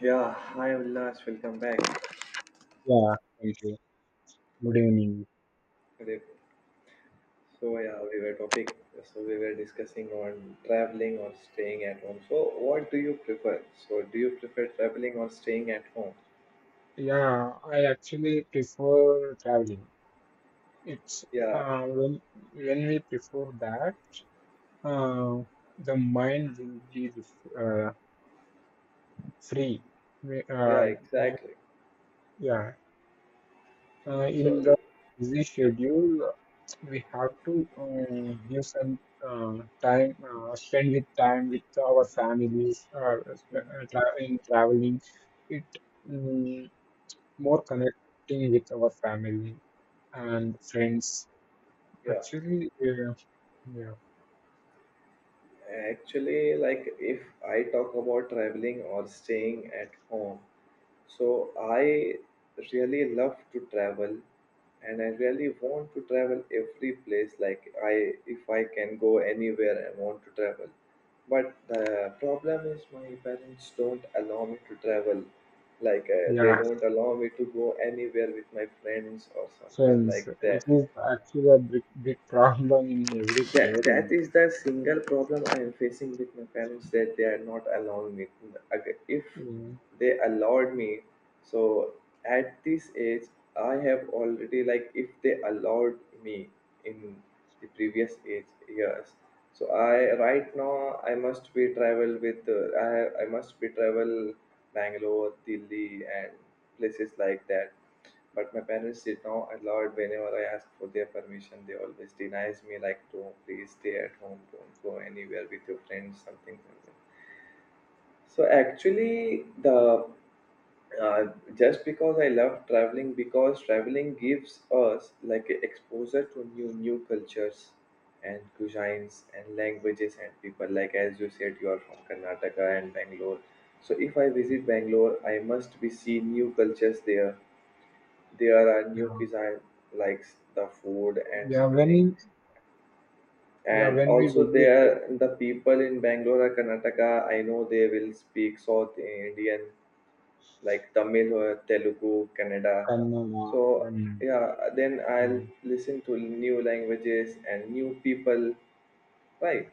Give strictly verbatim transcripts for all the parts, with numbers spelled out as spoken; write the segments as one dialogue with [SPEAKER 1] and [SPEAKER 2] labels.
[SPEAKER 1] Yeah, hi Ullash, welcome back.
[SPEAKER 2] Yeah, thank you. Good evening.
[SPEAKER 1] Rip. So yeah, we were topic. So we were discussing on traveling or staying at home. So what do you prefer? So do you prefer traveling or staying at home?
[SPEAKER 2] Yeah, I actually prefer traveling. It's
[SPEAKER 1] Yeah,
[SPEAKER 2] uh, when, when we prefer that, uh, the mind will be uh, free. We,
[SPEAKER 1] yeah,
[SPEAKER 2] Uh, do-
[SPEAKER 1] exactly.
[SPEAKER 2] yeah, uh, in the
[SPEAKER 1] So
[SPEAKER 2] busy schedule, we have to um, give some uh, time, uh, spend with time with our families, or uh,
[SPEAKER 1] mhm,
[SPEAKER 2] sp- uh, tra in traveling. It. mm, More connecting with our family and friends.
[SPEAKER 1] yeah,
[SPEAKER 2] Actually, uh, yeah,
[SPEAKER 1] actually, like if I talk about traveling or staying at home, so I really love to travel and I really want to travel every place like I if I can go anywhere I want to travel. But the problem is my parents don't allow me to travel. Like uh, they
[SPEAKER 2] yeah,
[SPEAKER 1] don't allow me to go anywhere with my friends or someone
[SPEAKER 2] friends.
[SPEAKER 1] like
[SPEAKER 2] It
[SPEAKER 1] that.
[SPEAKER 2] is actually a big, big problem in every
[SPEAKER 1] That, that
[SPEAKER 2] parent.
[SPEAKER 1] is the single problem I am facing with my parents that they are not allowing me. Ag- If
[SPEAKER 2] Uh,
[SPEAKER 1] they allowed me, so at this age, I have already like if they allowed me in the previous age years, so I right now I must be travel with uh, I I must be travel Bangalore, Delhi, and places like that. But my parents did not allow it whenever I ask for their permission. They always denies me like don't please stay at home, don't go anywhere with your friends, something like that. So actually the uh, just because I love traveling because traveling gives us like a exposure to new new cultures and cuisines and languages and people like as you said you are from Karnataka and Bangalore, so if I visit Bangalore I must be see new cultures there. There are new
[SPEAKER 2] yeah,
[SPEAKER 1] kids I likes the food and
[SPEAKER 2] yeah.
[SPEAKER 1] something,
[SPEAKER 2] When yeah,
[SPEAKER 1] and
[SPEAKER 2] when we
[SPEAKER 1] also
[SPEAKER 2] visited
[SPEAKER 1] there the people in Bangalore or Karnataka I know they will speak South Indian like Tamil or Telugu Kannada.
[SPEAKER 2] Kannada,
[SPEAKER 1] So
[SPEAKER 2] Kannada.
[SPEAKER 1] yeah, then I'll
[SPEAKER 2] mm,
[SPEAKER 1] listen to new languages and new people, right?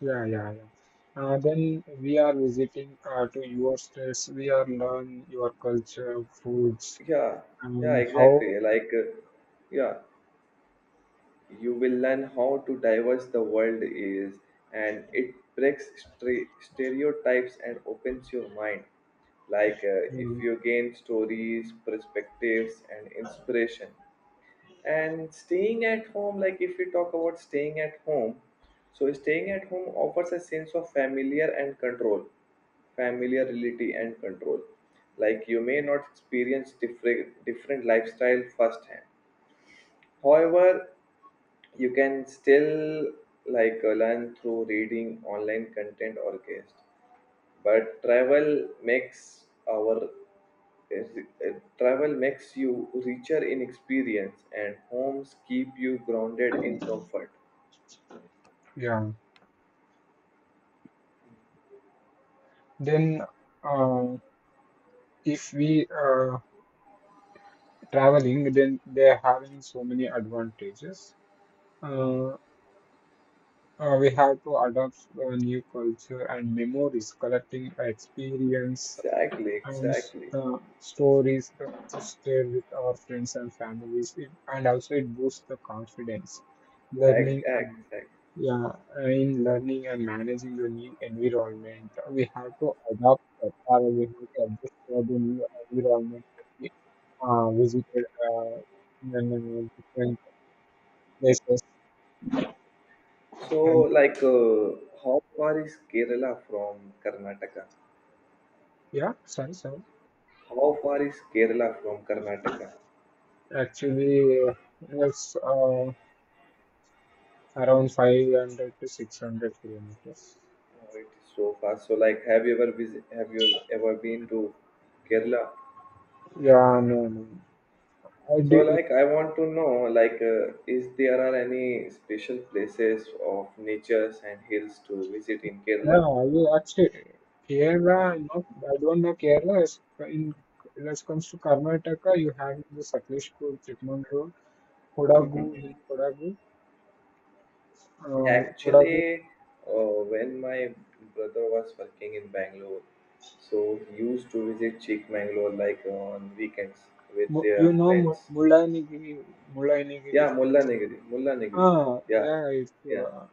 [SPEAKER 2] Yeah, yeah, yeah. Uh, then we are visiting uh, to your states. We are learn your culture, foods,
[SPEAKER 1] Yeah, yeah,
[SPEAKER 2] and how.
[SPEAKER 1] exactly, like uh, yeah, you will learn how to diverse the world is, and it breaks stre- stereotypes and opens your mind, like uh, if
[SPEAKER 2] Mm,
[SPEAKER 1] you gain stories perspectives and inspiration. And staying at home, like if we talk about staying at home, so staying at home offers a sense of familiar and control, familiarity and control, like you may not experience different different lifestyle firsthand. However, you can still like uh, learn through reading online content or guest. But travel makes our uh, travel makes you richer in experience, and homes keep you grounded in comfort.
[SPEAKER 2] yeah. Then. Uh, if we uh, traveling, then they're having so many advantages. Uh, uh, we have to adopt a new culture and memories, collecting experience
[SPEAKER 1] Exactly,
[SPEAKER 2] and s-
[SPEAKER 1] exactly.
[SPEAKER 2] the stories uh, to share with our friends and families it, and also it boosts the confidence
[SPEAKER 1] Ex-
[SPEAKER 2] learning and
[SPEAKER 1] exactly.
[SPEAKER 2] yeah uh, in learning and managing the new environment. We have to adapt it, or we have to adjust for the new environment that we uh, visited, uh, in the new different places
[SPEAKER 1] So,
[SPEAKER 2] and
[SPEAKER 1] like, uh, how far is Kerala from Karnataka?
[SPEAKER 2] yeah sorry, sorry.
[SPEAKER 1] How far is Kerala from Karnataka?
[SPEAKER 2] Actually, uh, it's uh, around five hundred to six hundred kilometers.
[SPEAKER 1] Oh, it is so fast. So like, have you ever visit? Have you ever been to Kerala?
[SPEAKER 2] Yeah, no, no. I
[SPEAKER 1] So
[SPEAKER 2] did.
[SPEAKER 1] like, I want to know like, uh, is there are any special places of natures and hills to visit in
[SPEAKER 2] Yeah,
[SPEAKER 1] Kerala?
[SPEAKER 2] I will actually. Kerala. Not, I don't know Kerala. As in, as comes to Karnataka, you have the Sakleshpur, Chikmagalur, Kodagu,
[SPEAKER 1] Mhm.
[SPEAKER 2] in Kodagu, uh, Kodagu.
[SPEAKER 1] Actually, uh, when my brother was working in Bangalore, so he used to visit Chikmagalur like on weekends with
[SPEAKER 2] Mu- You
[SPEAKER 1] their
[SPEAKER 2] know Mu-
[SPEAKER 1] friends.
[SPEAKER 2] Mullainagiri, Mullainagiri
[SPEAKER 1] Yeah,
[SPEAKER 2] Hills.
[SPEAKER 1] Mullanagiri, Mullanagiri.
[SPEAKER 2] Ah,
[SPEAKER 1] Yeah,
[SPEAKER 2] yeah, it's
[SPEAKER 1] yeah.
[SPEAKER 2] uh,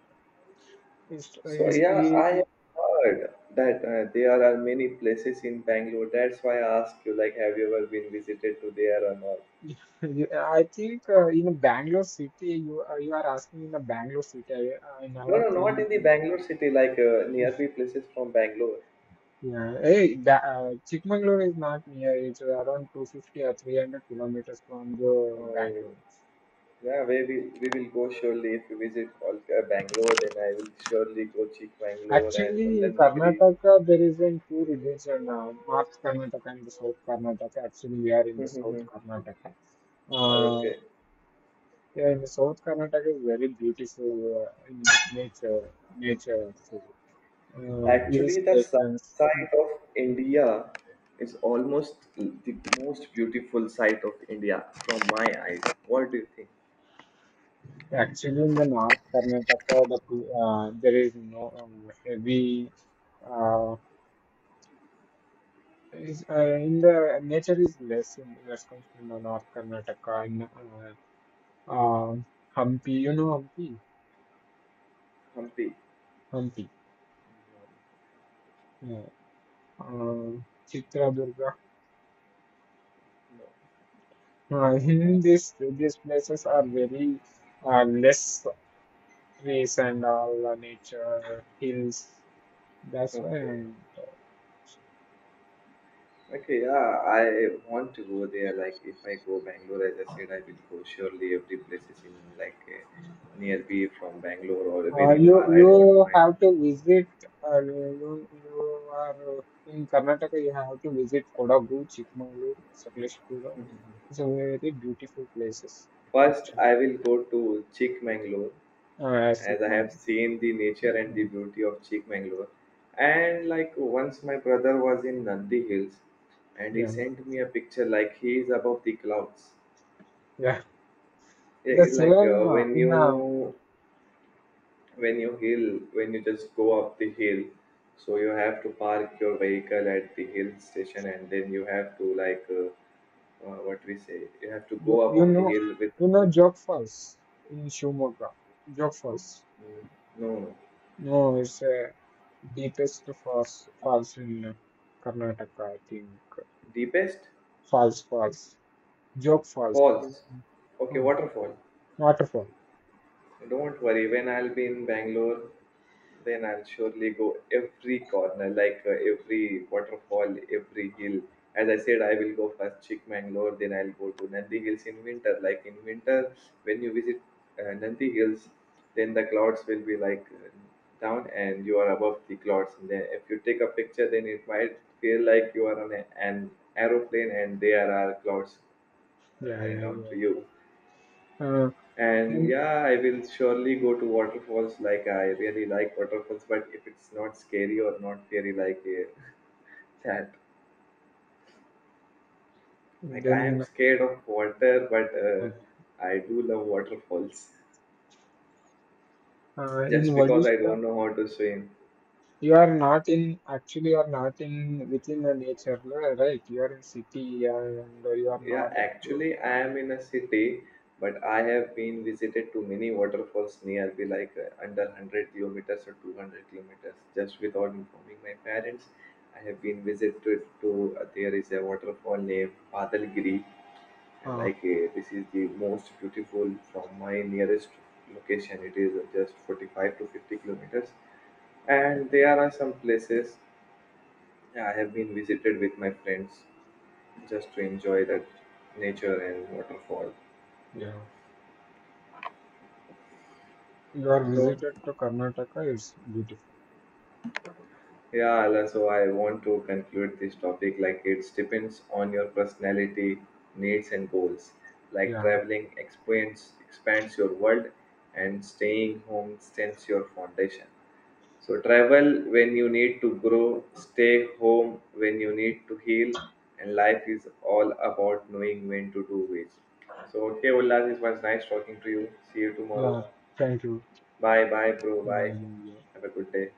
[SPEAKER 2] it's
[SPEAKER 1] So
[SPEAKER 2] it's.
[SPEAKER 1] yeah,
[SPEAKER 2] It,
[SPEAKER 1] I have heard that uh, there are many places in Bangalore. That's why I asked you, like, have you ever been visited to there or not?
[SPEAKER 2] I think uh, in a Bangalore city, you uh, you are asking in a Bangalore city. I, I
[SPEAKER 1] No,
[SPEAKER 2] never
[SPEAKER 1] no, not
[SPEAKER 2] think.
[SPEAKER 1] in the Bangalore city, like uh, nearby places from Bangalore.
[SPEAKER 2] Yeah, hey, that, uh, Chikmagalur is not near. It's around two hundred fifty or three hundred kilometers from the
[SPEAKER 1] Uh,
[SPEAKER 2] Bangalore.
[SPEAKER 1] yeah, we will, we will go surely. If you visit Kolkata, Bangalore, then I will surely go Chikmagalur and
[SPEAKER 2] Actually, in
[SPEAKER 1] Mullanagiri.
[SPEAKER 2] Karnataka, there is in two religion now, North Karnataka and the South Karnataka. Actually, we are in the South Karnataka. Uh,
[SPEAKER 1] Okay.
[SPEAKER 2] yeah, in the South Karnataka is very beautiful uh, in nature, nature, so, uh, hill
[SPEAKER 1] Actually, the south
[SPEAKER 2] stations.
[SPEAKER 1] side of India is almost the most beautiful side of India from my eyes. What do you think?
[SPEAKER 2] Actually, in the North Karnataka, the, uh, there is no um, heavy uh, is uh, in the nature is less in that comes to the North Karnataka and uh, uh, Hampi. You know Hampi,
[SPEAKER 1] Hampi?
[SPEAKER 2] Hampi. Yeah. Uh, Chitradurga.
[SPEAKER 1] No.
[SPEAKER 2] Uh, in this, these places are very uh, less trees and all, uh, nature hills. That's why
[SPEAKER 1] Okay.
[SPEAKER 2] I'm
[SPEAKER 1] Okay, yeah, I want to go there. Like, if I go Bangalore, as I said, I will go surely every place is in like uh, nearby from Bangalore or
[SPEAKER 2] Uh,
[SPEAKER 1] very
[SPEAKER 2] you
[SPEAKER 1] far. I
[SPEAKER 2] you
[SPEAKER 1] don't mind.
[SPEAKER 2] have to visit. Uh, you you are uh, In Karnataka, you have to visit Kodagu, Chikmagalur, Sakaleshpura. It's a very beautiful places
[SPEAKER 1] First,
[SPEAKER 2] actually.
[SPEAKER 1] I will go to Chikmagalur,
[SPEAKER 2] Uh, as
[SPEAKER 1] as I
[SPEAKER 2] Chikmagalur.
[SPEAKER 1] have seen the nature and the
[SPEAKER 2] Uh,
[SPEAKER 1] beauty of Chikmagalur. And like once my brother was in Nandi Hills and he
[SPEAKER 2] yeah,
[SPEAKER 1] sent me a picture like he is above the clouds.
[SPEAKER 2] yeah.
[SPEAKER 1] Yeah,
[SPEAKER 2] The
[SPEAKER 1] it's like uh,
[SPEAKER 2] same uh,
[SPEAKER 1] when
[SPEAKER 2] in uh,
[SPEAKER 1] you when you hill when you just go up the hill, so you have to park your vehicle at the hill station and then you have to like uh, uh, what we say you have to
[SPEAKER 2] you
[SPEAKER 1] go up
[SPEAKER 2] you
[SPEAKER 1] on the
[SPEAKER 2] know
[SPEAKER 1] hill with,
[SPEAKER 2] you know
[SPEAKER 1] with
[SPEAKER 2] Jog Falls in Shimoga. Jog Falls.
[SPEAKER 1] mm, no, no,
[SPEAKER 2] No, it's uh, deepest falls falls in uh, Karnataka. I think
[SPEAKER 1] deepest
[SPEAKER 2] falls falls. Joke Falls, in-
[SPEAKER 1] falls, okay,
[SPEAKER 2] mm,
[SPEAKER 1] waterfall.
[SPEAKER 2] Waterfall.
[SPEAKER 1] Don't worry, when I'll be in Bangalore, then I'll surely go every corner, like uh, every waterfall, every hill. As I said, I will go first Chikmangalore, then I'll go to Nandi Hills in winter. Like in winter, when you visit uh, Nandi Hills, then the clouds will be like uh, down and you are above the clouds. And then if you take a picture, then it might feel like you are on a, an aeroplane and there are clouds
[SPEAKER 2] Yeah,
[SPEAKER 1] uh,
[SPEAKER 2] yeah,
[SPEAKER 1] down
[SPEAKER 2] you
[SPEAKER 1] to you.
[SPEAKER 2] are right. Uh,
[SPEAKER 1] And
[SPEAKER 2] then,
[SPEAKER 1] yeah, I will surely go to waterfalls. Like I really like waterfalls, but if it's not scary or not scary, like uh, that, like I am
[SPEAKER 2] then
[SPEAKER 1] scared of water, but uh, I do love waterfalls
[SPEAKER 2] uh,
[SPEAKER 1] just
[SPEAKER 2] In
[SPEAKER 1] because I
[SPEAKER 2] Vadista,
[SPEAKER 1] don't know how to swim.
[SPEAKER 2] you are not in, actually you are not in within the nature, la- right? You are in city and you are
[SPEAKER 1] Yeah,
[SPEAKER 2] not. expo-
[SPEAKER 1] actually, I am in a city, but I have been visited to many waterfalls nearby, like uh, under one hundred kilometers or two hundred kilometers. Just without informing my parents, I have been visited to uh, there is a waterfall named Padalgiri, and
[SPEAKER 2] Uh,
[SPEAKER 1] like uh, this is the most beautiful from my nearest location. It is just forty-five to fifty kilometers, and there are some places, yeah, I have been visited with my friends just to enjoy the nature and waterfall.
[SPEAKER 2] yeah, you are
[SPEAKER 1] So,
[SPEAKER 2] visited to Karnataka. Is beautiful.
[SPEAKER 1] yeah, Ala, so I want to conclude this topic like it depends on your personality, needs, and goals. Like
[SPEAKER 2] Yeah,
[SPEAKER 1] traveling expands expands your world, and staying home strengthens your foundation. So, travel when you need to grow, stay home when you need to heal, and life is all about knowing when to do which. So, okay, Ullas, it was nice talking to you. See you tomorrow.
[SPEAKER 2] yeah. Thank you.
[SPEAKER 1] Bye, bye, bro. Bye.
[SPEAKER 2] Bye.
[SPEAKER 1] Have a good day.